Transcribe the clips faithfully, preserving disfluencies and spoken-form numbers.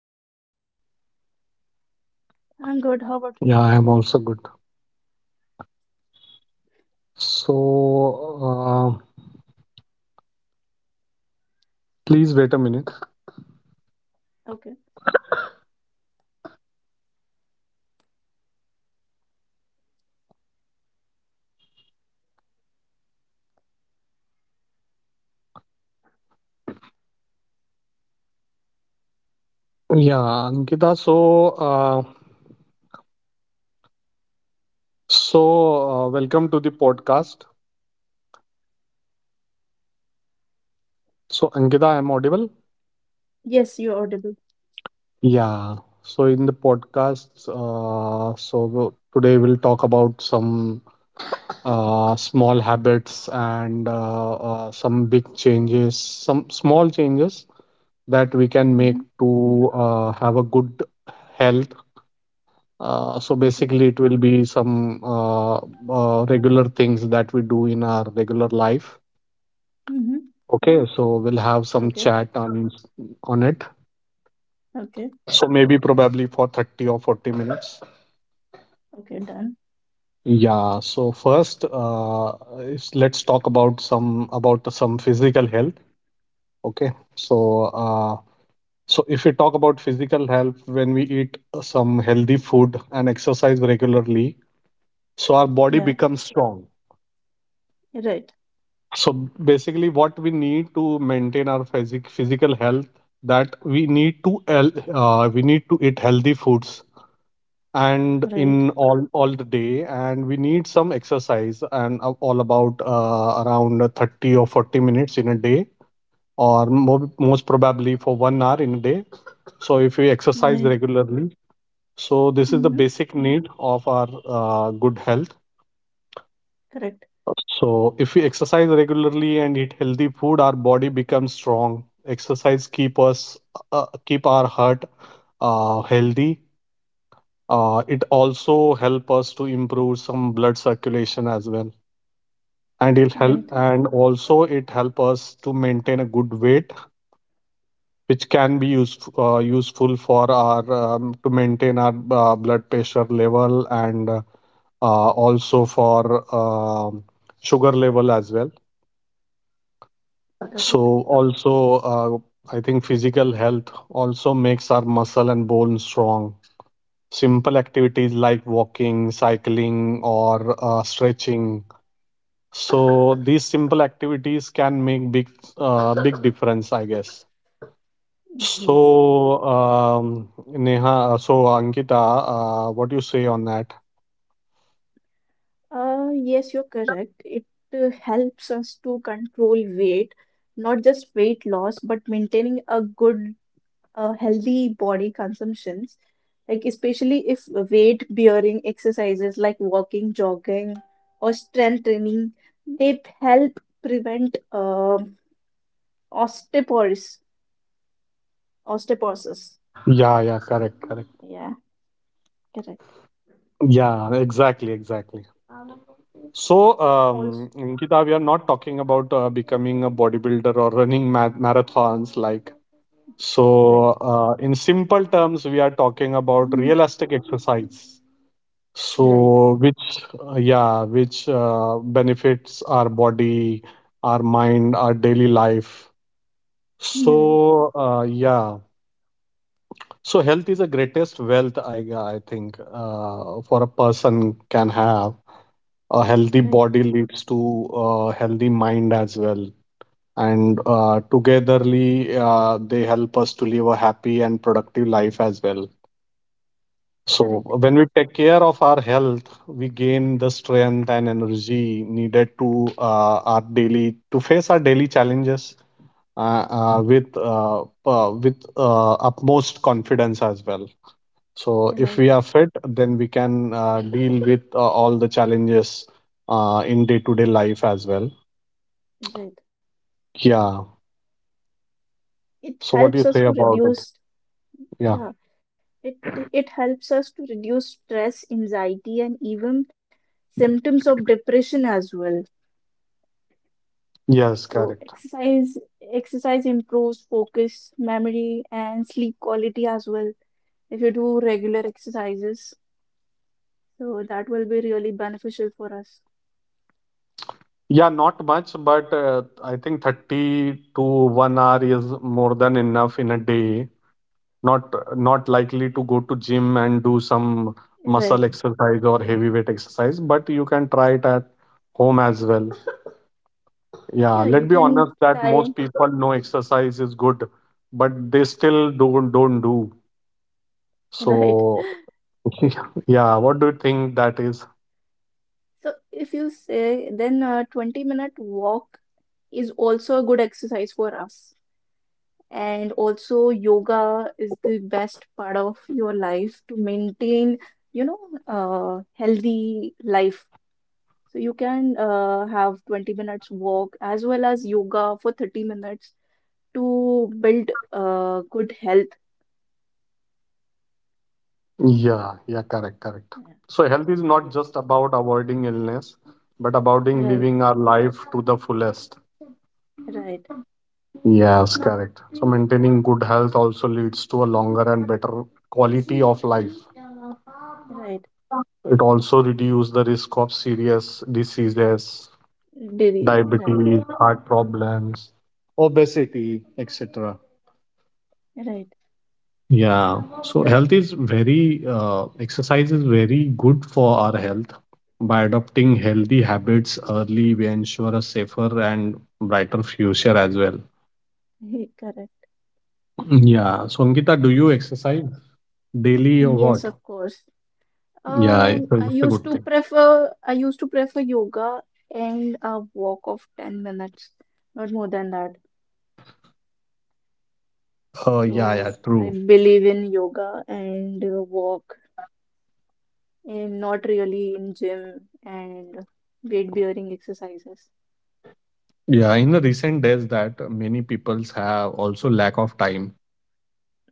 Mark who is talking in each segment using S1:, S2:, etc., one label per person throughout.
S1: I'm good. How about you?
S2: Yeah, I am also good. So, uh, please wait a minute.
S1: Okay.
S2: Yeah, Ankita. So, uh, so uh, Welcome to the podcast. So, Ankita, I am audible.
S1: Yes, you're audible.
S2: Yeah. So, in the podcast, uh, so w- today we'll talk about some uh, small habits and uh, uh, some big changes, some small changes that we can make
S1: Mm-hmm.
S2: to uh, have a good health. Uh, so
S1: Okay.
S2: basically, it will be some uh, uh, regular things that we do in our regular life.
S1: Mm-hmm.
S2: Okay, so we'll have some
S1: Okay.
S2: chat on on it.
S1: Okay.
S2: So maybe probably for thirty or forty minutes.
S1: Okay. Done.
S2: Yeah, so first, uh, is- let's talk about some about some physical health. Okay, so, uh, so if we talk about physical health, when we eat some healthy food and exercise regularly, so our body
S1: Yeah.
S2: becomes strong.
S1: Right.
S2: So basically, what we need to maintain our physic physical health, that we need to el- uh, we need to eat healthy foods and
S1: Right.
S2: in all all the day, and we need some exercise, and a- all about uh, around thirty or forty minutes in a day, or mo- most probably for one hour in a day. So if we exercise
S1: Right.
S2: regularly, so this is the
S1: Mm-hmm.
S2: basic need of our uh, good health.
S1: Correct.
S2: So if we exercise regularly and eat healthy food, our body becomes strong. Exercise keep us, uh, keep our heart uh, healthy. Uh, it also help us to improve some blood circulation as well. And it help,
S1: Right.
S2: and also it help us to maintain a good weight, which can be useful uh, useful for our um, to maintain our uh, blood pressure level and uh, also for um sugar level as well.
S1: Correct.
S2: So also, uh, I think physical health also makes our muscle and bone strong. Simple activities like walking, cycling, or uh, stretching. So these simple activities can make big, uh, big difference, I guess.
S1: Mm, yes.
S2: So, um, Neha, uh, so Ankita, uh, what do you say on that?
S1: Uh, yes, you're correct. It uh, helps us to control weight, not just weight loss, but maintaining a good, uh, healthy body consumption. Like, especially if weight bearing exercises like walking, jogging, or strength training, they help prevent um osteoporosis. Osteoporosis.
S2: Yeah, yeah, correct, correct.
S1: Yeah, correct.
S2: Yeah, exactly, exactly. So,
S1: Also,
S2: um, Nikita, we are not talking about uh, becoming a bodybuilder or running ma- marathons. Like,
S1: right.
S2: so, uh, in simple terms, we are talking about
S1: Mhm.
S2: realistic exercise.
S1: Right.
S2: So, which, uh, yeah, which uh, benefits our body, our mind, our daily life.
S1: Right.
S2: So, uh, yeah. So, health is the greatest wealth. I, I think uh, for a person, can have a healthy
S1: Right.
S2: body leads to a healthy mind as well, and uh, togetherly uh, they help us to live a happy and productive life as well. So
S1: Correct.
S2: when we take care of our health, we gain the strength and energy needed to uh, our daily to face our daily challenges uh, uh, with uh, uh, with uh, utmost confidence as well. So if we are
S1: Right.
S2: fit, then we can uh, deal with uh, all the challenges uh, in day to day life as well.
S1: Right.
S2: Yeah.
S1: It
S2: So what do you
S1: helps
S2: say
S1: us to
S2: about it?
S1: reduce,
S2: Yeah.
S1: yeah, it it helps us to reduce stress, anxiety, and even symptoms of depression as well.
S2: Yes,
S1: So
S2: correct.
S1: exercise exercise improves focus, memory, and sleep quality as well. If you do regular exercises, so that will be really beneficial for us.
S2: Yeah, not much, but uh, I think thirty to one hour is more than enough in a day. Not not likely to go to gym and do some muscle
S1: Right.
S2: exercise or heavyweight exercise, but you can try it at home as well. Yeah,
S1: Yeah, you
S2: let's be honest
S1: can
S2: that
S1: try.
S2: most people know exercise is good, but they still don't don't do.
S1: Right.
S2: So yeah, what do you think that is?
S1: So if you say, then a twenty minute walk is also a good exercise for us. And also yoga is the best part of your life to maintain, you know, a healthy life. So you can uh, have twenty minutes walk as well as yoga for thirty minutes to build uh, good health.
S2: Yeah, yeah, correct, correct.
S1: Yeah.
S2: So health is not
S1: Yes.
S2: just about avoiding illness, but about in
S1: Right,
S2: living our life to the fullest.
S1: right,
S2: Yes, correct. So maintaining good health also leads to a longer and better quality of life.
S1: right.
S2: It also reduces the risk of serious diseases:
S1: Diri- Right,
S2: diabetes, heart problems, obesity, et cetera.
S1: right.
S2: Yeah, so health is very, uh, exercise is very good for our health. By adopting healthy habits early, we ensure a safer and brighter future as well.
S1: Ye- Correct.
S2: Yeah, so Ankita, do you exercise daily or
S1: Yes,
S2: what?
S1: of course.
S2: Yeah,
S1: Um,
S2: so
S1: I
S2: that's a
S1: used
S2: good
S1: to
S2: thing.
S1: prefer I used to prefer yoga and a walk of ten minutes, not more than that.
S2: Uh, yeah, yeah,
S1: So I
S2: true.
S1: believe in yoga and uh, walk, and not really in gym and weight bearing exercises.
S2: Yeah, in the recent days, that many peoples have also lack of time,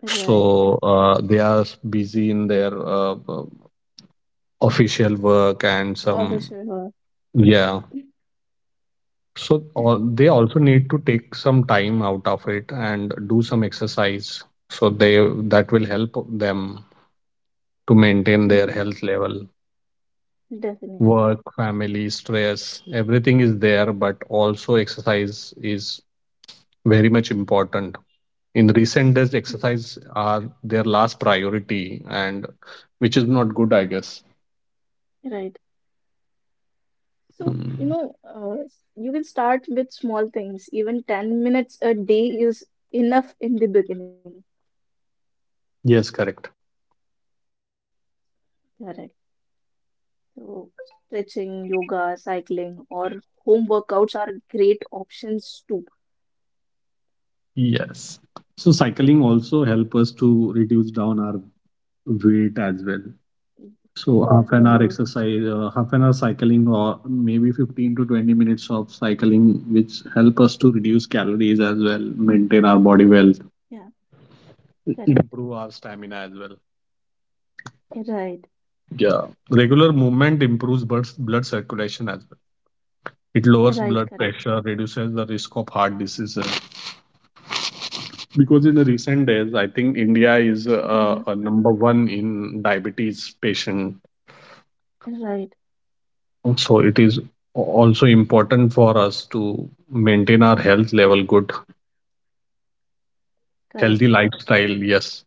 S1: Right.
S2: so uh, they are busy in their uh, uh, official work and
S1: Oh, for
S2: some,
S1: sure.
S2: yeah. So all, they
S1: Right.
S2: also need to take some time out of it and do some exercise, so they, that will help them to maintain their
S1: Mm,
S2: health level.
S1: definitely.
S2: Work, family, stress, everything is there, but also exercise is very much important. In recent days,
S1: Mm,
S2: exercise are their last priority, and which is not good, I guess.
S1: right. So, you
S2: Mm.
S1: know, uh, you can start with small things. Even ten minutes a day is enough in the beginning.
S2: Yes, correct.
S1: Correct. So, stretching, yoga, cycling, or home workouts are great options too.
S2: Yes. So cycling also help us to reduce down our weight as well.
S1: Mm,
S2: So
S1: definitely.
S2: half an hour exercise, uh, half an hour cycling, or maybe fifteen to twenty minutes of cycling, which help us to reduce calories as well, maintain our body wealth,
S1: Yeah. Correct.
S2: improve our stamina as well.
S1: Right.
S2: Yeah. Regular movement improves blood, blood circulation as well. It lowers
S1: Right.
S2: blood
S1: Correct.
S2: pressure, reduces the risk of heart diseases. Because in the recent days, I think India is uh,
S1: Mm,
S2: uh, number one in diabetes patient.
S1: right.
S2: So it is also important for us to maintain our health level good,
S1: Correct,
S2: healthy lifestyle. Yes.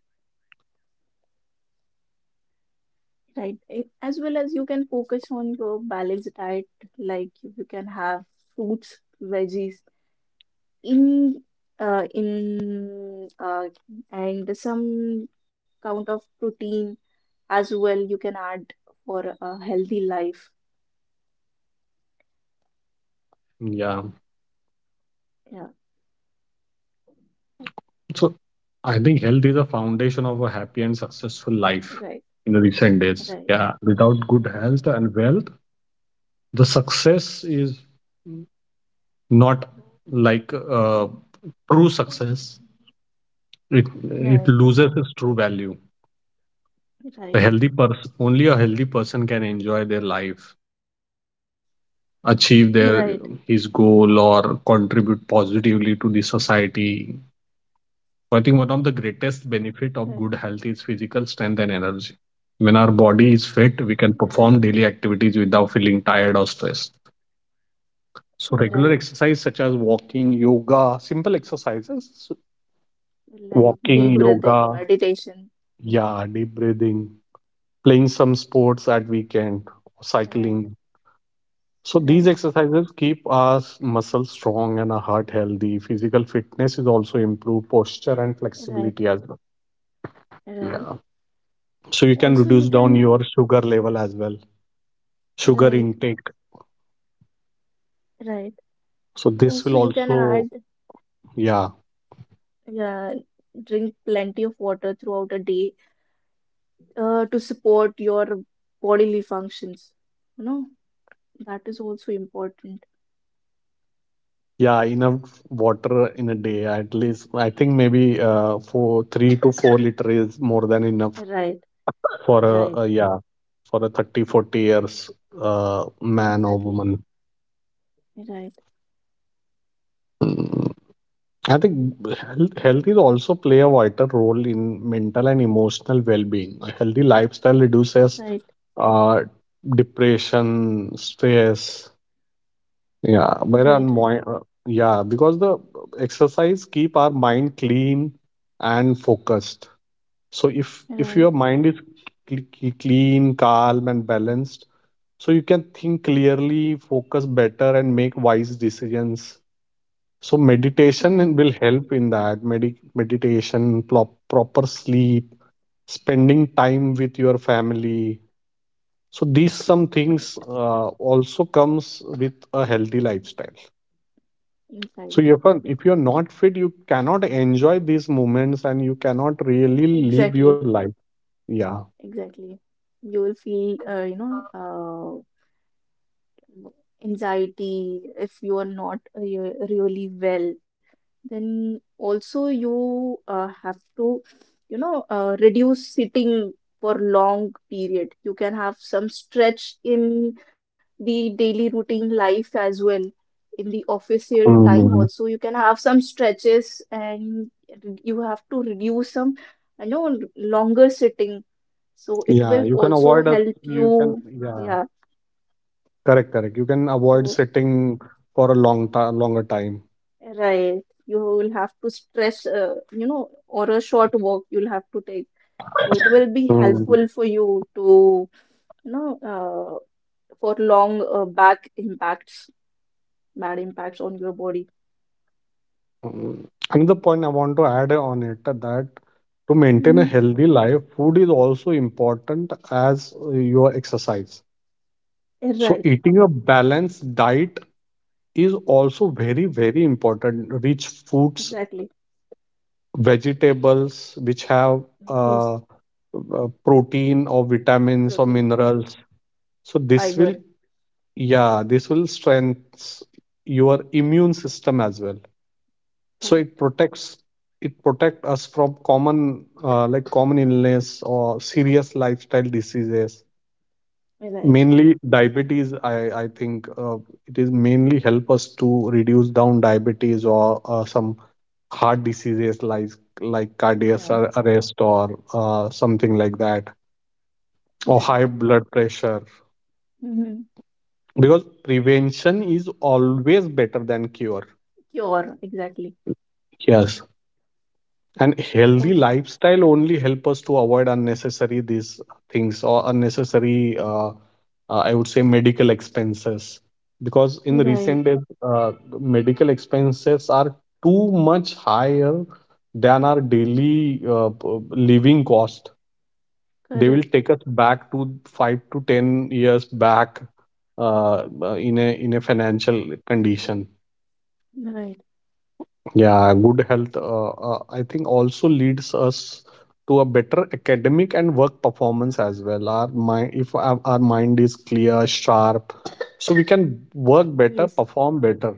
S1: right. A- As well as you can focus on your balanced diet, like you can have fruits, veggies, in uh, in uh, and some count of protein as well. You can add for a healthy life.
S2: Yeah.
S1: Yeah,
S2: So I think health is a foundation of a happy and successful life
S1: right,
S2: in the recent days.
S1: right, right,
S2: Yeah. Without good
S1: right, right,
S2: health and wealth, the success is not, like, uh, true success. It, it
S1: right,
S2: loses its true value. A
S1: right,
S2: healthy person, only a healthy person, can enjoy their life,
S1: right,
S2: achieve their his goal, or contribute positively to the society. So, I think one of the greatest benefit of good health is physical strength and energy. When our body is fit, we can perform daily activities without feeling tired or stressed. So
S1: right.
S2: regular exercise such as walking, yoga, simple exercises, so
S1: Like deep
S2: walking,
S1: breathing,
S2: yoga,
S1: meditation.
S2: yeah, deep breathing, playing some sports at weekend,
S1: Right,
S2: cycling. So these
S1: right,
S2: exercises keep our muscles strong and our heart healthy. Physical fitness is also improved posture and
S1: right,
S2: flexibility as well.
S1: right.
S2: Yeah. So you can
S1: Also,
S2: reduce
S1: you
S2: down
S1: can
S2: your sugar level as well, sugar
S1: right,
S2: intake.
S1: right.
S2: So this will
S1: Also, you can
S2: also,
S1: add,
S2: yeah,
S1: yeah, drink plenty of water throughout a day uh, to support your bodily functions. You know, that is also important.
S2: yeah, enough water in a day at least. I think maybe uh, for three to four liter is more than enough
S1: Right,
S2: for a,
S1: right,
S2: a yeah, for a thirty forty years uh, man or
S1: exactly.
S2: woman.
S1: Right,
S2: Mm. I think health, health is also play a vital role in mental and emotional well-being. A healthy lifestyle reduces
S1: right,
S2: uh, depression, stress. Yeah, where
S1: right, right,
S2: unmo- uh, yeah, because the exercise keep our mind clean and focused. So if if your
S1: right,
S2: mind is cl- cl- clean, calm, and balanced, so you can think clearly, focus better, and make wise decisions. So meditation
S1: right,
S2: will help in that, medi- meditation, plop, proper sleep, spending time with your family. So these some things
S1: correct.
S2: uh, also comes with a healthy lifestyle. So if
S1: Right,
S2: you're, if you're not fit, you cannot enjoy these moments and you cannot really live your
S1: exactly,
S2: life. Yeah.
S1: exactly. You will feel, uh, you know, uh, anxiety, if you are not re- really well, then also you uh, have to, you know, uh, reduce sitting for long period. You can have some stretch in the daily routine life as well. In the official time
S2: Mhm.
S1: also, you can have some stretches and you have to reduce some, you know, longer sitting. So it
S2: Yeah,
S1: will
S2: you can
S1: also
S2: avoid us.
S1: help
S2: You can,
S1: you.
S2: yeah,
S1: Yeah.
S2: correct, correct. You can avoid
S1: So.
S2: sitting for a long time, longer time.
S1: Right. You will have to stress, uh, you know, or a short walk you'll have to take. So it will be helpful for you to, you know, uh, for long uh, back impacts, bad impacts on your body.
S2: Mm. Another point I want to add on it, uh, that to maintain a
S1: Hmm.
S2: healthy life, food is also important as uh, your exercise. So,
S1: Right.
S2: eating a balanced diet is also very, very important. Rich foods,
S1: Exactly.
S2: vegetables, which have uh, uh,
S1: Yes.
S2: protein or vitamins or
S1: Protein,
S2: minerals. So, this will,
S1: fiber.
S2: yeah, this will strengthen your immune system as well. So it
S1: Correct.
S2: protects it protect us from common uh, like common illness or serious lifestyle diseases,
S1: Right.
S2: mainly diabetes. I i think uh, it is mainly help us to reduce down diabetes or uh, some heart diseases, like like cardiac ar-
S1: Yeah.
S2: arrest or uh, something like that, or high
S1: Right.
S2: blood pressure.
S1: Hmm.
S2: Because prevention is always better than cure.
S1: Cure. Exactly.
S2: Yes. And healthy
S1: Also.
S2: lifestyle only help us to avoid unnecessary these things, or unnecessary uh, uh, I would say medical expenses. Because in recent
S1: Right.
S2: days, uh, medical expenses are too much higher than our daily uh, p- living cost. They will
S1: Correct.
S2: take us back to five to ten years back uh, uh, in a in a financial condition.
S1: Right.
S2: Yeah, good health, uh, uh, I think, also leads us to a better academic and work performance as well. Our mind, if our, our mind is clear, sharp, so we can work better,
S1: Yes.
S2: perform better.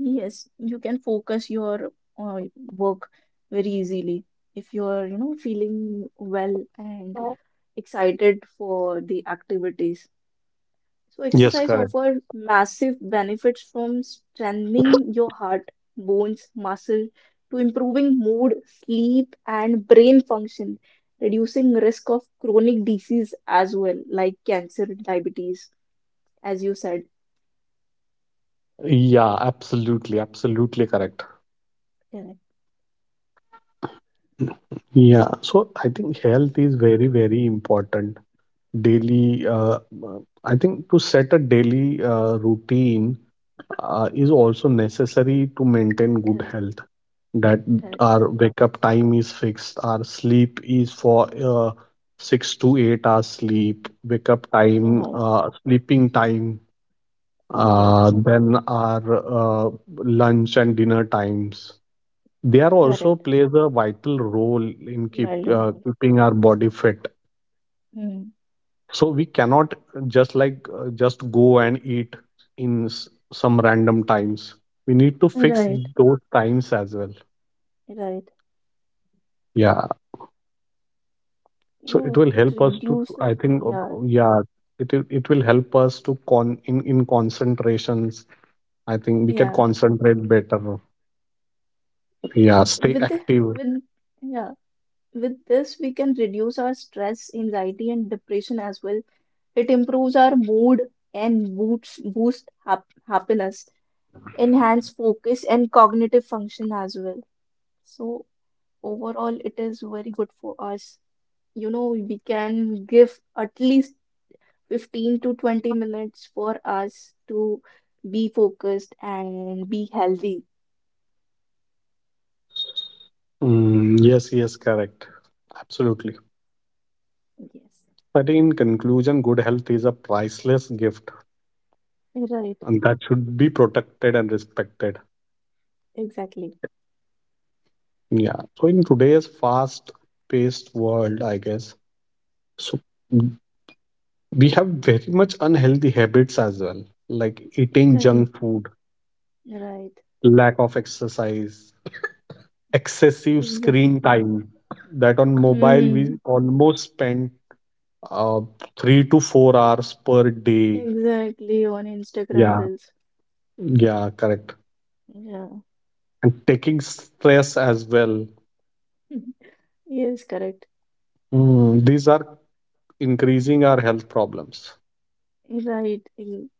S1: Yes, you can focus your uh, work very easily if you are, you know, feeling well and excited for the activities. So
S2: Yes,
S1: exercise
S2: correct.
S1: offers massive benefits, from strengthening your heart, bones, muscle, to improving mood, sleep, and brain function, reducing risk of chronic disease as well, like cancer, diabetes, as you said.
S2: Yeah, absolutely, absolutely correct.
S1: Correct,
S2: Yeah, so I think health is very, very important. Daily, uh, uh, I think to set a daily uh, routine uh, is also necessary to maintain good
S1: correct,
S2: health. That
S1: correct.
S2: our wake up time is fixed, our sleep is for uh, six to eight hours sleep, wake up time,
S1: Right,
S2: uh, sleeping time,
S1: right,
S2: uh, then our uh, lunch and dinner times, they are also
S1: correct.
S2: plays a vital role in keep uh,
S1: Vulnerable.
S2: keeping our body fit.
S1: Mm.
S2: So we cannot just, like uh, just go and eat in s- some random times. We need to fix
S1: Right.
S2: those times as well.
S1: Right.
S2: Yeah.
S1: You
S2: So it
S1: know,
S2: will
S1: it
S2: help us to,
S1: reduces,
S2: I think,
S1: yeah.
S2: uh, yeah, it will- it will help us to con in in concentrations. I think we can
S1: Yeah.
S2: concentrate better. Yeah, stay
S1: with the,
S2: active.
S1: with Yeah, with this we can reduce our stress, anxiety, and depression as well. It improves our mood and boosts boost hap happiness, enhance focus and cognitive function as well. So overall it is very good for us. You know, we can give at least fifteen to twenty minutes for us to be focused and be healthy.
S2: Mm, yes, yes, correct. Absolutely.
S1: Yes.
S2: I think in conclusion, good health is a priceless gift,
S1: Right,
S2: and that should be protected and respected.
S1: exactly.
S2: Yeah. So in today's fast-paced world, I guess, so we have very much unhealthy habits as well, like eating
S1: Exactly.
S2: junk food,
S1: Right,
S2: lack of exercise, excessive
S1: exactly.
S2: screen time. That on mobile
S1: Hmm.
S2: we almost spend uh, three to four hours per day.
S1: Exactly, on Instagram
S2: Yeah,
S1: Reels.
S2: yeah, correct.
S1: Yeah,
S2: And taking stress as well.
S1: mhm. Yes, correct.
S2: Mm, these are increasing our health problems.
S1: Right. in-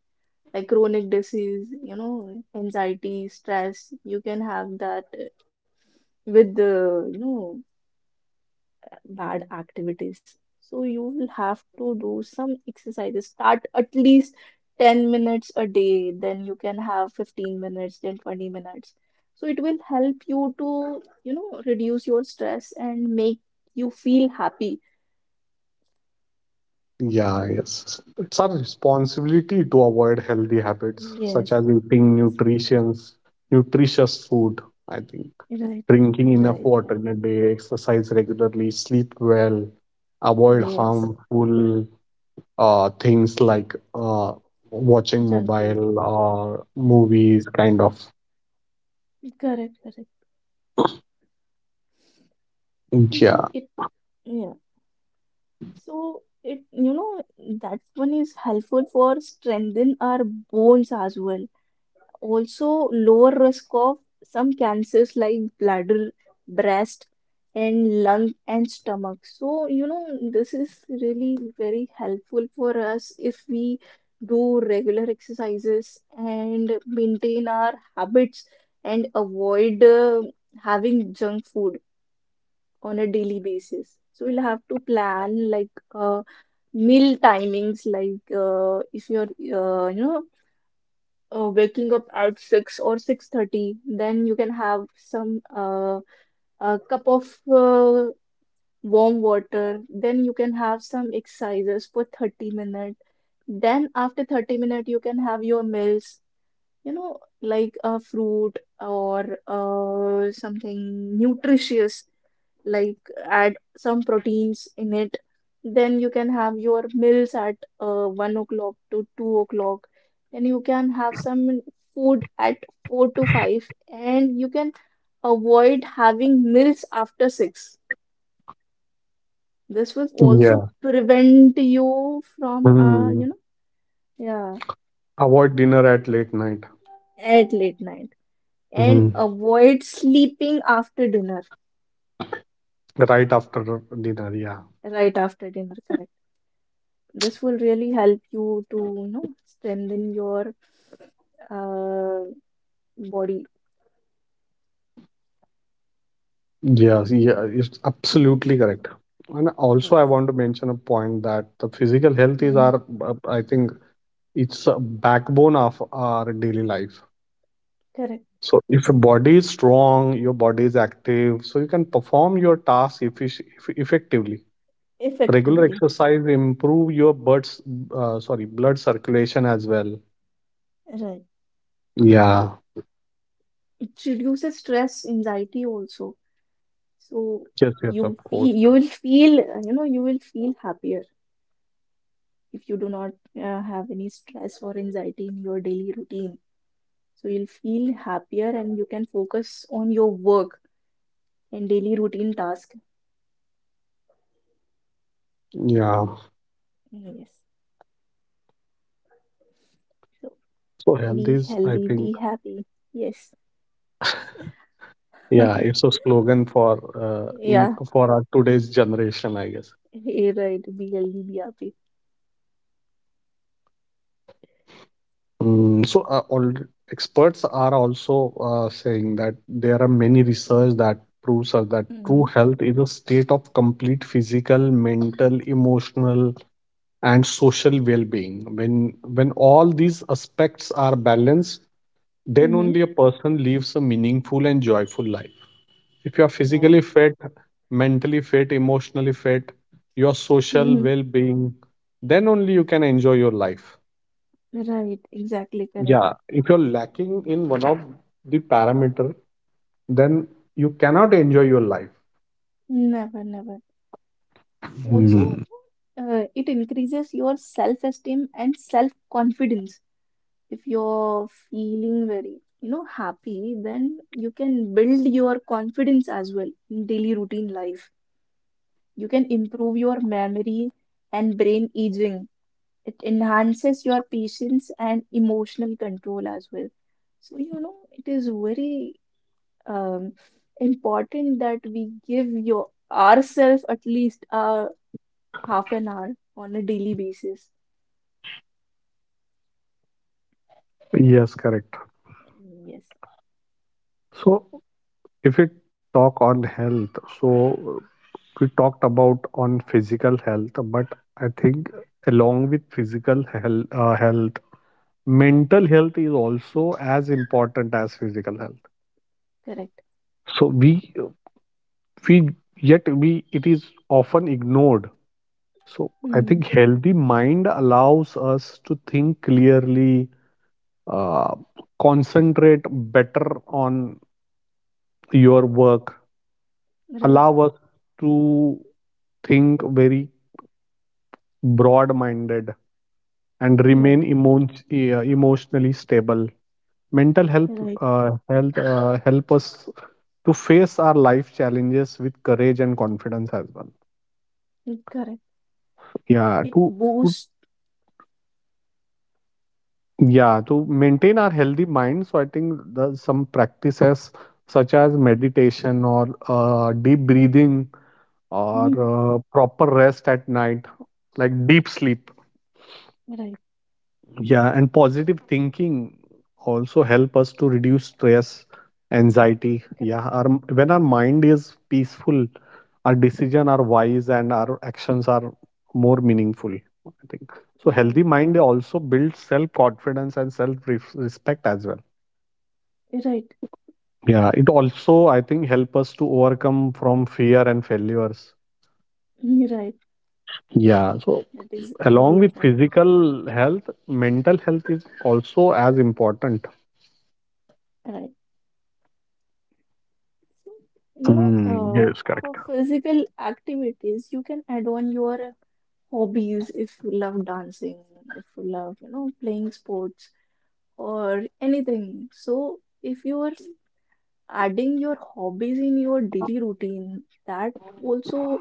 S1: Like chronic disease, you know, anxiety, stress, you can have that uh, with the, you know, bad activities. So you will have to do some exercises. Start at least ten minutes a day, then you can have fifteen minutes, then twenty minutes. So it will help you to, you know, reduce your stress and make you feel happy.
S2: Yeah, yes. It's our responsibility to avoid healthy habits such
S1: Yes,
S2: as eating
S1: yes,
S2: nutrition, nutritious food, I think.
S1: right,
S2: Drinking enough
S1: right,
S2: water
S1: right.
S2: in a day, exercise regularly, sleep well, avoid
S1: Yes,
S2: harmful uh, things like uh, watching
S1: junk food.
S2: mobile or
S1: Yeah,
S2: movies, kind of.
S1: correct, correct. So
S2: Yeah.
S1: it, yeah. So it, you know, that one is helpful for strengthen our bones as well. Also lower risk of some cancers like bladder, breast and lung and stomach. So you know this is really very helpful for us if we do regular exercises and maintain our habits and avoid uh, having junk food on a daily basis. So we'll have to plan like a meal timings like uh, if you're uh, you know uh, waking up at six or six thirty, then you can have some uh, a cup of uh, warm water, then you can have some exercises for thirty minutes, then after thirty minutes you can have your meals, you know, like a fruit or uh, something nutritious, like add some proteins in it. Then you can have your meals at uh, one o'clock to two o'clock. Then you can have some food at four to five, and you can avoid having meals after six. This will also
S2: Yeah.
S1: prevent you from, uh,
S2: Hmm.
S1: you know, yeah,
S2: Avoid dinner at late night.
S1: at late night. And
S2: Hmm.
S1: avoid sleeping after dinner,
S2: Right after dinner. Yeah.
S1: right after dinner. This will really help you to, you know, strengthen your uh, body.
S2: Yes. Yeah. It's absolutely
S1: Yes.
S2: correct. And also,
S1: Yes.
S2: I want to mention a point that the physical health is
S1: Mhm.
S2: our, uh, I think, it's a backbone of our daily life.
S1: Correct.
S2: So if your body is strong, your body is active, so you can perform your tasks effic- eff- effectively. Regular
S1: Effectively.
S2: exercise improve your blood, uh, sorry, blood circulation as well.
S1: Right.
S2: Yeah.
S1: It reduces stress, anxiety also. So
S2: Yes, yes,
S1: you
S2: of course.
S1: feel you will feel uh, you know you will feel happier if you do not uh, have any stress or anxiety in your daily routine. So you'll feel happier and you can focus on your work and daily routine task.
S2: Yeah.
S1: Yes. So
S2: So health
S1: be
S2: is, I
S1: healthy,
S2: think,
S1: be happy. Yes.
S2: yeah, it's a slogan for uh, in
S1: Yeah.
S2: for our today's generation, I guess.
S1: You right. Be healthy, be happy.
S2: Mm, so uh, all experts are also uh, saying that there are many research that proves us that true
S1: Mm-hmm.
S2: health is a state of complete physical, mental, emotional, and social well-being. When when all these aspects are balanced, then only
S1: Mm-hmm.
S2: a person lives a meaningful and joyful life. If you are
S1: Right.
S2: physically fit, mentally fit, emotionally fit, your social
S1: Mm-hmm.
S2: well-being, then only you can enjoy your life.
S1: Right. Exactly
S2: Yeah,
S1: correct.
S2: if you're lacking in one of the parameter, then you cannot enjoy your life.
S1: Never, never. Also,
S2: Hmm.
S1: uh, it increases your self-esteem and self-confidence. If you're feeling very, you know, happy, then you can build your confidence as well in daily routine life. You can improve your memory and brain aging. It enhances your patience and emotional control as well. So you know it is very um, important that we give your ourselves at least a half an hour on a daily basis.
S2: Yes, correct.
S1: Mm, yes,
S2: So, if we talk on health, so we talked about on physical health, but I think along with physical health, uh, health, mental health is also as important as physical health.
S1: correct.
S2: So we we yet we it is often ignored. So I
S1: Mm,
S2: think healthy mind allows us to think clearly, uh, concentrate better on your work,
S1: right,
S2: allow us to think very broad minded and
S1: right,
S2: remain emo- uh, emotionally stable. Mental health
S1: right.
S2: uh, health uh, help us to face our life challenges with courage and confidence as well.
S1: Mm, correct.
S2: Yeah,
S1: It
S2: to
S1: boosts.
S2: Yeah, to maintain our healthy mind, so I think the, some practices such as meditation or uh, deep breathing or
S1: Mm,
S2: uh, proper rest at night, like deep sleep.
S1: right,
S2: Yeah, and positive thinking also help us to reduce stress, anxiety.
S1: correct,
S2: Yeah, our, when our mind is peaceful, our decision are wise and our actions are more meaningful. I think so. Healthy
S1: right,
S2: mind also builds self confidence and self respect as well.
S1: right.
S2: Yeah, it also, I think, help us to overcome from fear and failures.
S1: Mm, right.
S2: Yeah, so
S1: That is really
S2: along with
S1: important.
S2: physical health, mental health is also as important.
S1: Right. So, you know,
S2: Mm,
S1: uh,
S2: yes, correct.
S1: for physical activities, you can add on your hobbies if you love dancing, if you love, you know, playing sports or anything. So, if you are adding your hobbies in your daily routine, that also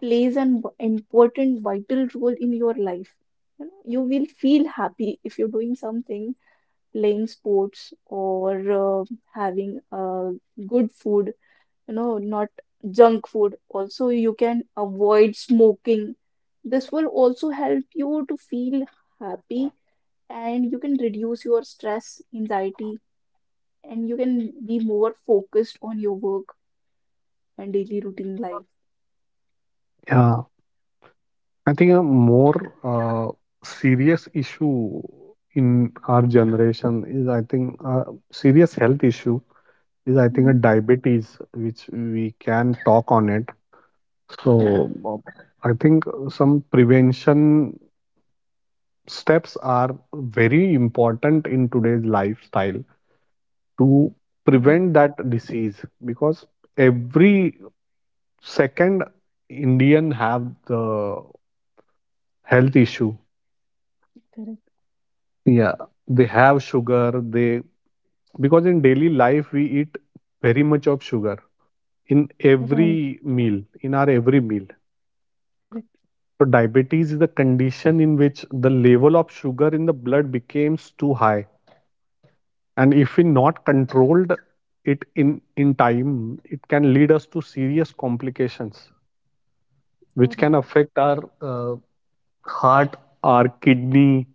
S1: plays an important, vital role in your life. You know, you will feel happy if you're doing something, playing sports or uh, having uh, good food, you know, not junk food. Also, you can avoid smoking. This will also help you to feel happy, and you can reduce your stress, anxiety, and you can be more focused on your work and daily routine life.
S2: Yeah, I think a more uh, serious issue in our generation is, I think, a serious health issue is, I think, a
S1: Mhm.
S2: diabetes, which we can talk on it. So,
S1: Correct.
S2: uh, I think some prevention steps are very important in today's lifestyle to
S1: Right.
S2: prevent that disease, because every second indian have the health issue.
S1: Correct.
S2: Yeah, they have sugar, they because in daily life we eat very much of sugar in
S1: Right.
S2: every meal, in our every meal.
S1: Correct.
S2: So diabetes is the condition in which the level of sugar in the blood becomes too high, and if we not controlled it in in time, it can lead us to serious complications which can
S1: Correct.
S2: affect our uh, heart, our kidney,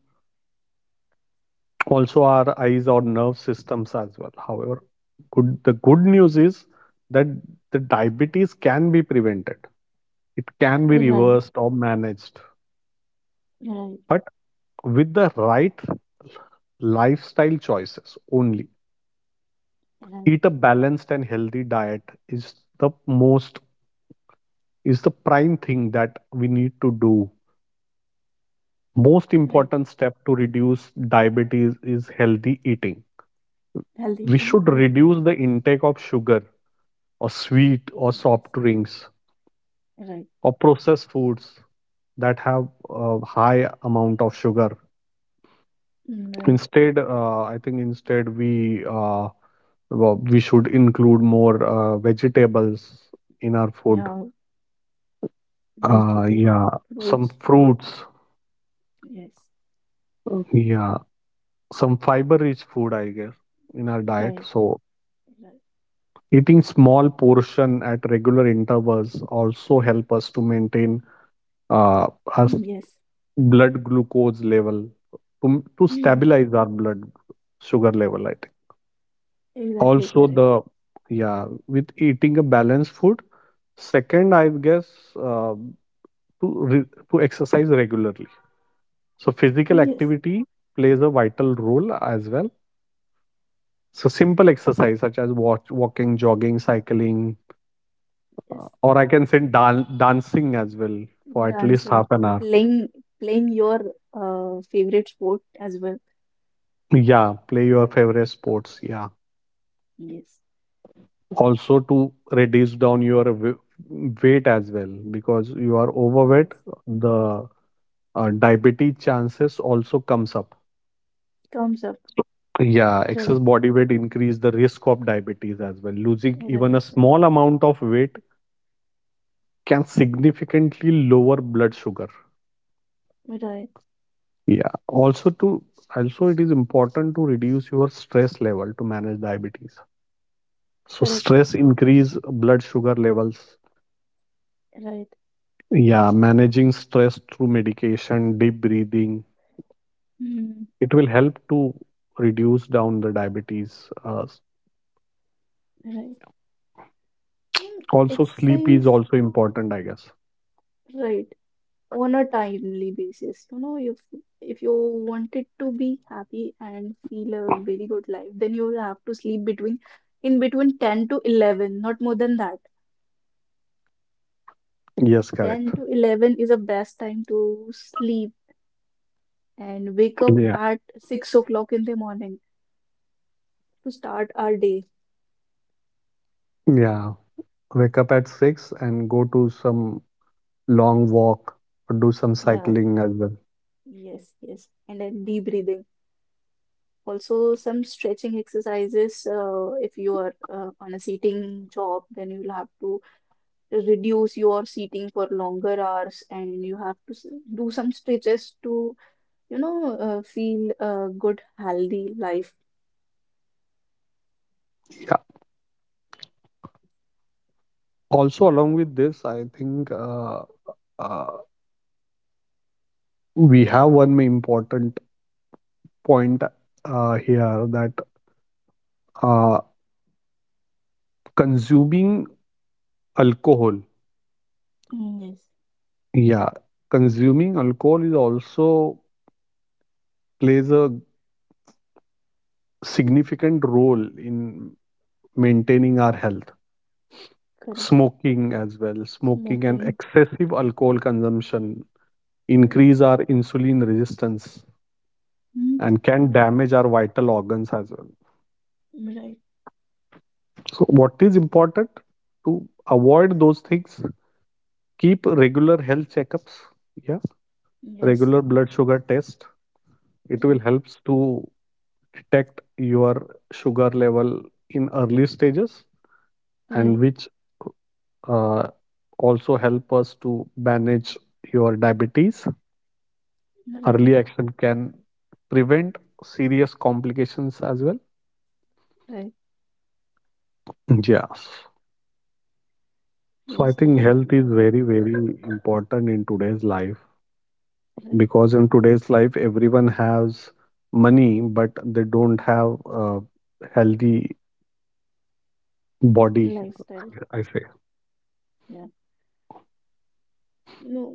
S2: also our eyes or nerve systems as well. However good, the good news is that the diabetes can be prevented, it can be
S1: Right.
S2: reversed or managed,
S1: Right.
S2: but with the right lifestyle choices only.
S1: Right.
S2: Eat a balanced and healthy diet is the most, is the prime thing that we need to do. Most
S1: Right.
S2: important step to reduce diabetes is healthy eating.
S1: Healthy
S2: We
S1: thing.
S2: should
S1: Right.
S2: reduce the intake of sugar or sweet or
S1: Yes.
S2: soft drinks
S1: Right.
S2: or processed foods that have a high amount of sugar.
S1: Mm, right.
S2: Instead, uh, I think instead we uh, well, we should include more uh, vegetables in our food.
S1: Yeah.
S2: Uh,
S1: Vegetable,
S2: yeah, some
S1: fruits.
S2: fruits.
S1: Yes.
S2: Yeah, some fiber-rich food, I guess, in our diet.
S1: Right.
S2: So
S1: Right.
S2: eating small portion at regular intervals also help us to maintain uh, our
S1: Yes,
S2: blood glucose level to to
S1: yes,
S2: stabilize our blood sugar level. I think
S1: exactly
S2: also the,
S1: correct.
S2: yeah, with eating a balanced food. Second, I guess uh, to re- to exercise regularly. So physical
S1: Yes,
S2: activity plays a vital role as well. So simple exercise such as walk, walking, jogging, cycling, Uh,
S1: yes,
S2: or I can say dan- dancing as well for at least
S1: dancing,
S2: half an hour.
S1: playing, playing your uh, favorite sport as well.
S2: Yeah, play your favorite sports. Yeah,
S1: Yes,
S2: also to reduce down your w- weight as well, because you are overweight,
S1: yes,
S2: the uh, diabetes chances also comes up.
S1: comes up.
S2: Yeah, excess
S1: Right,
S2: body weight increase the risk of diabetes as well. Losing even a
S1: right, right,
S2: small amount of weight can significantly lower blood sugar.
S1: right,
S2: Yeah, also to also it is important to reduce your stress level to manage diabetes. So
S1: correct,
S2: stress increase blood sugar levels.
S1: right,
S2: Yeah, managing stress through medication, deep breathing,
S1: mm,
S2: it will help to reduce down the diabetes. Uh,
S1: right. Hmm.
S2: also, sleep is
S1: Exercise,
S2: also important, I guess.
S1: right, on a timely basis. You know, if if you wanted to be happy and feel a very good life, then you will have to sleep between in between ten to eleven, not more than that.
S2: Yes,
S1: ten
S2: correct.
S1: to eleven is the best time to sleep and wake up
S2: Yeah,
S1: at six o'clock in the morning to start our day.
S2: yeah. Wake up at six and go to some long walk or do some
S1: Yeah,
S2: cycling as well.
S1: yes, yes. And then deep breathing. Also, some stretching exercises. Uh, if you are uh, on a sitting job, then you will have to reduce your sitting for longer hours and you have to s- do some stretches to, you know, uh, feel a good, healthy life.
S2: Yeah. Also, along with this, I think uh, uh, we have one important point uh, here that uh, consuming alcohol.
S1: Mm, yes,
S2: Yeah, consuming alcohol is also plays a significant role in maintaining our health.
S1: correct.
S2: Smoking as well. Smoking and
S1: Smoking,
S2: excessive alcohol consumption
S1: correct.
S2: increase our insulin resistance
S1: Mm,
S2: and can damage our vital organs as well.
S1: right.
S2: So what is important to avoid those things? Keep regular health checkups. Yeah,
S1: Yes,
S2: regular blood sugar test. It will
S1: right,
S2: helps to detect your sugar level in early stages, and
S1: right,
S2: which uh, also help us to manage your diabetes.
S1: right,
S2: Early action can prevent serious complications as well.
S1: right.
S2: Yes. So I
S1: Yes,
S2: think
S1: definitely
S2: health
S1: you are
S2: is very
S1: correct.
S2: very important in today's life,
S1: Right,
S2: because in today's life everyone has money but they don't have a healthy body.
S1: lifestyle.
S2: I I say,
S1: Yeah, you know,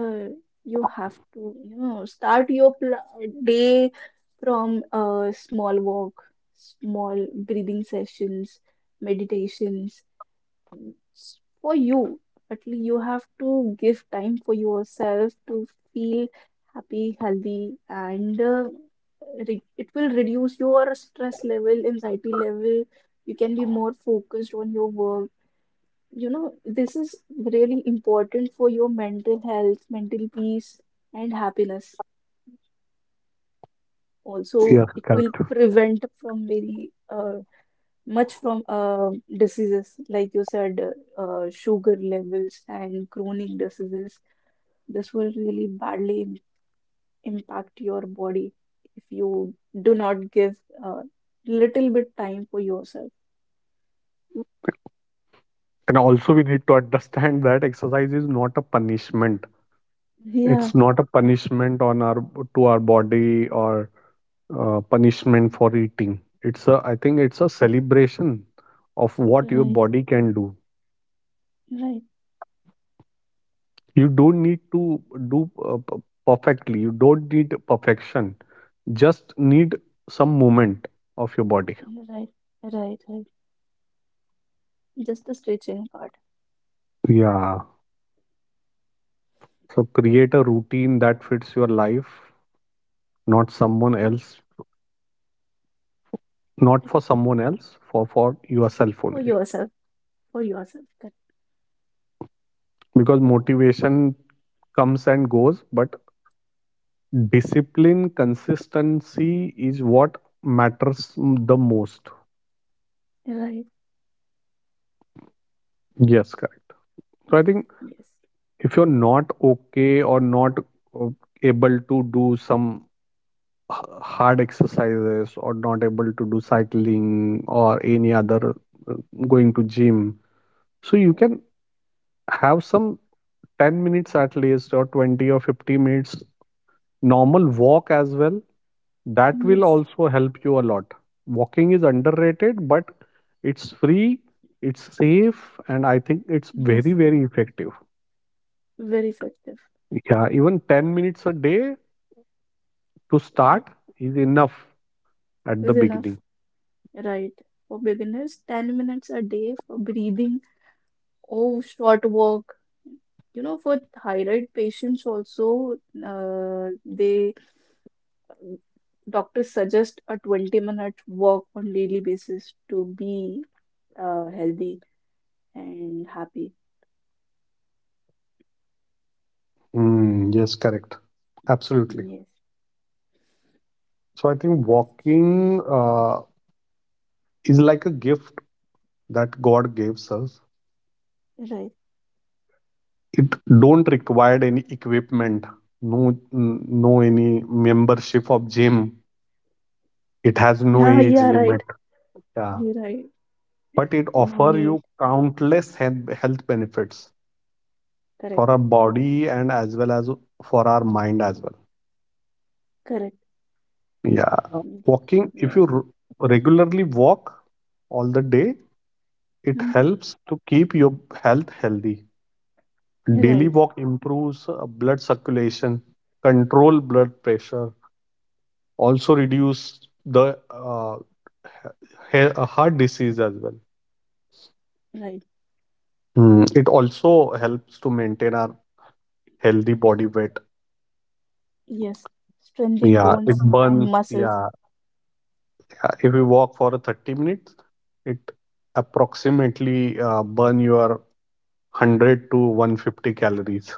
S1: uh, you have to, you know, start your pl- day from a small walk, small breathing sessions, meditations, s- for you, but you have to give time for yourself to feel happy, healthy, and uh, re- it will reduce your stress level, anxiety level. You can be more focused on your work. You know, this is really important for your mental health, mental peace, and happiness. Also,
S2: yes,
S1: it will
S2: correct.
S1: prevent from very uh, much from uh, diseases like you said, uh, uh, sugar levels and chronic diseases. This will really badly im- impact your body if you do not give a little bit time for yourself.
S2: And also, we need to understand that exercise is not a punishment.
S1: Yeah,
S2: It's not a punishment on our, to our body, or uh, punishment for eating. It's a, I think it's a celebration of what your
S1: right,
S2: body can do.
S1: right,
S2: You don't need to do uh, p- perfectly. You don't need perfection. Just need some movement of your body.
S1: right, right, right. Just the stretching part.
S2: Yeah. So create a routine that fits your life, not someone
S1: Right,
S2: else. Not for
S1: correct,
S2: someone else, for for yourself
S1: for
S2: only,
S1: yourself, for yourself, correct.
S2: because motivation comes and goes, but discipline consistency is what matters the most.
S1: Right,
S2: Yes, correct.
S1: yes,
S2: So I think,
S1: yes,
S2: if you're not okay or not uh, able to do some hard exercises or not able to do cycling or any other uh, going to gym, so you
S1: right.
S2: can have some ten minutes at least or twenty or fifty minutes normal walk as well. That will
S1: Yes,
S2: also help you a lot. Walking is underrated, but it's free, it's safe, and I think it's very
S1: yes,
S2: very effective.
S1: very effective.
S2: Yeah, even ten minutes a day to start
S1: Right,
S2: is enough at the
S1: is enough.
S2: beginning.
S1: Right. For beginners, ten minutes a day for breathing or short walk. You know, for thyroid patients also, uh, they doctors suggest a twenty minute walk on daily basis to be uh, healthy and happy.
S2: Mm, yes, correct. Absolutely.
S1: Yes.
S2: So I think walking uh, is like a gift that God gives us.
S1: Right.
S2: It don't require any equipment, no, no any membership of gym. It has no
S1: Yeah,
S2: age
S1: yeah,
S2: limit.
S1: right.
S2: Yeah.
S1: You're right.
S2: But it
S1: No
S2: offer you
S1: need.
S2: countless health health benefits
S1: Correct.
S2: for our body and as well as for our mind as well.
S1: Correct.
S2: Yeah.
S1: Indeed.
S2: Walking, if you
S1: Yeah.
S2: r- regularly walk all the day, it
S1: Hmm.
S2: helps to keep your health healthy. Daily
S1: Right.
S2: walk improves uh, blood circulation, control blood pressure, also reduce the uh, he- he- heart disease as well.
S1: Right.
S2: Hmm. It also helps to maintain our healthy body weight.
S1: Yes. Strengthening
S2: Yeah, it
S1: bones and
S2: burns.
S1: muscles.
S2: Yeah, yeah. If you walk for a thirty minutes, it approximately uh, burn your one hundred to one hundred fifty calories.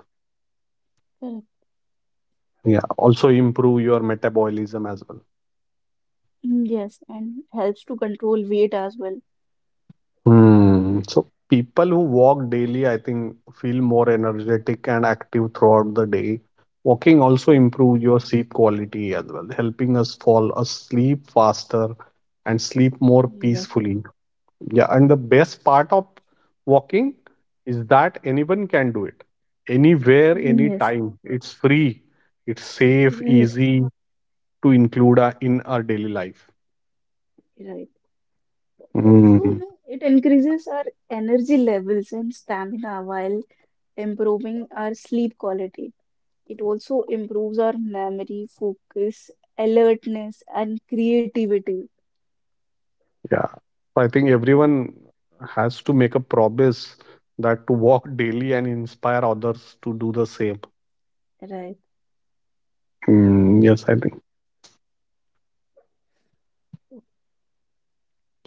S2: Yeah, also improve your metabolism as well.
S1: Mm, yes, and helps to control weight as well.
S2: Hmm. So people who walk daily, I think, feel more energetic and active throughout the day. Walking also
S1: Correct.
S2: improves your sleep quality as well, helping us fall asleep faster and sleep more
S1: Mm, yes.
S2: peacefully. Yeah, and the best part of walking is that anyone can do it anywhere,
S1: Mm, yes.
S2: anytime. It's free, it's safe,
S1: Right.
S2: easy to include uh, in our daily life.
S1: Right. Also, you
S2: Mm,
S1: know, it increases our energy levels and stamina while improving our sleep quality. It also improves our memory, focus, alertness, and creativity.
S2: yeah. So I think
S1: Yeah.
S2: everyone has to make a promise that to walk daily and inspire others to do the same.
S1: Right.
S2: Mm, yes, I think.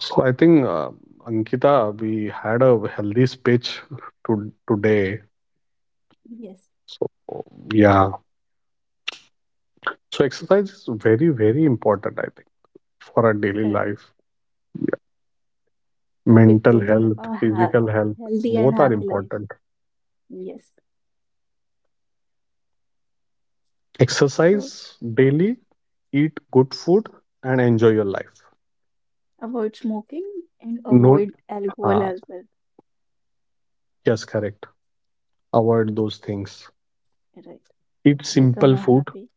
S2: So I think, uh, Ankita, we had a healthy speech to, today.
S1: Yes.
S2: So, yeah. So exercise is very, very important, I think, for our daily
S1: Correct.
S2: life.
S1: For
S2: Mental
S1: becoming
S2: health,
S1: a ha
S2: physical health,
S1: healthy and
S2: both are
S1: happy life.
S2: important.
S1: Yes. So
S2: Exercise daily, eat good food, and enjoy your life.
S1: avoid smoking and
S2: No,
S1: avoid alcohol
S2: uh,
S1: as well.
S2: yes, correct. Avoid those things.
S1: Right.
S2: Eat
S1: To become
S2: simple
S1: a
S2: food.
S1: happy.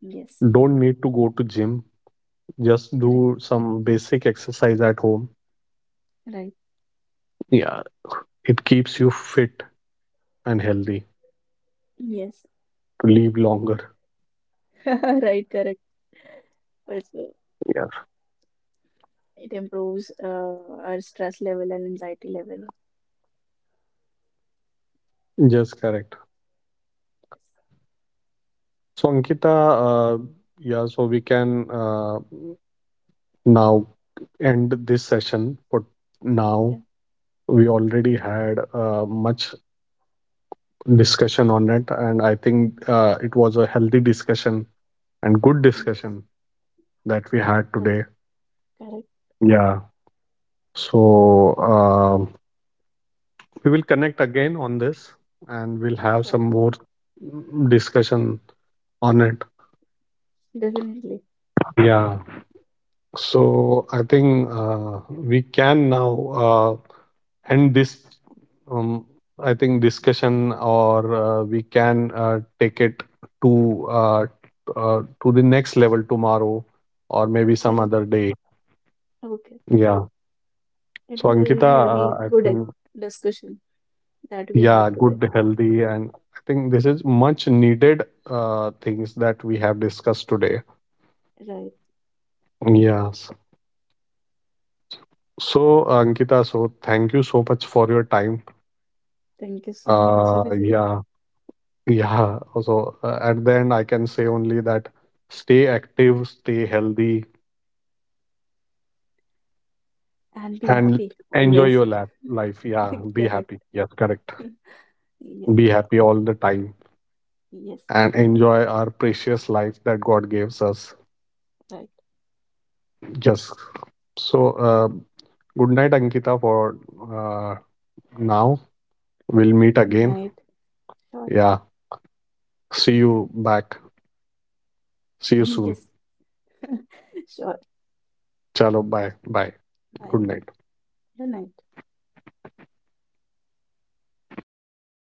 S1: Yes.
S2: Don't need to go to gym. Just do
S1: Correct.
S2: some basic exercise at home.
S1: Right.
S2: Yeah, it keeps you fit and healthy
S1: Yes.
S2: to live longer.
S1: Right. Correct. Also,
S2: Yeah,
S1: it improves uh, our stress level and anxiety level.
S2: just correct.
S1: Yes.
S2: So, Ankita, uh, yeah, so we can uh, now end this session for now.
S1: Yeah.
S2: We already had uh, much discussion on it, and I think uh, it was a healthy discussion and good
S1: Yes.
S2: discussion that we had today.
S1: Correct. Correct.
S2: Yeah. So, um, we will connect again on this and we'll have
S1: Sure.
S2: some more discussion on it.
S1: Definitely.
S2: Yeah. So I think uh, we can now uh, end this. Um, I think discussion, or uh, we can uh, take it to uh, uh, to the next level tomorrow, or maybe some
S1: Correct.
S2: other day.
S1: Okay.
S2: Yeah.
S1: It
S2: So
S1: was a
S2: Ankita,
S1: really
S2: uh, I
S1: good ex-
S2: think
S1: discussion that we
S2: yeah,
S1: had today.
S2: good, healthy, and I think this is much needed uh, things that we have discussed today.
S1: Right.
S2: Yes. So Ankita, so thank you so much for your time.
S1: Thank you so much,
S2: Uh,
S1: Abhijit.
S2: yeah. Yeah, also uh, at the end, I can say only that stay active, stay healthy,
S1: And be
S2: and
S1: happy
S2: enjoy
S1: always.
S2: your lap life. Yeah, be
S1: Correct.
S2: happy. Yes, correct.
S1: Yes.
S2: Be happy all the time
S1: Yes.
S2: and enjoy our precious life that God gives us.
S1: Right.
S2: Just so, uh, good night, Ankita, for uh, now. We'll meet
S1: Good
S2: again.
S1: night. Sure.
S2: Yeah, see you back. See you soon.
S1: Yes. Sure.
S2: Chalo, bye. Bye. Good
S1: Right.
S2: night.
S1: Good night.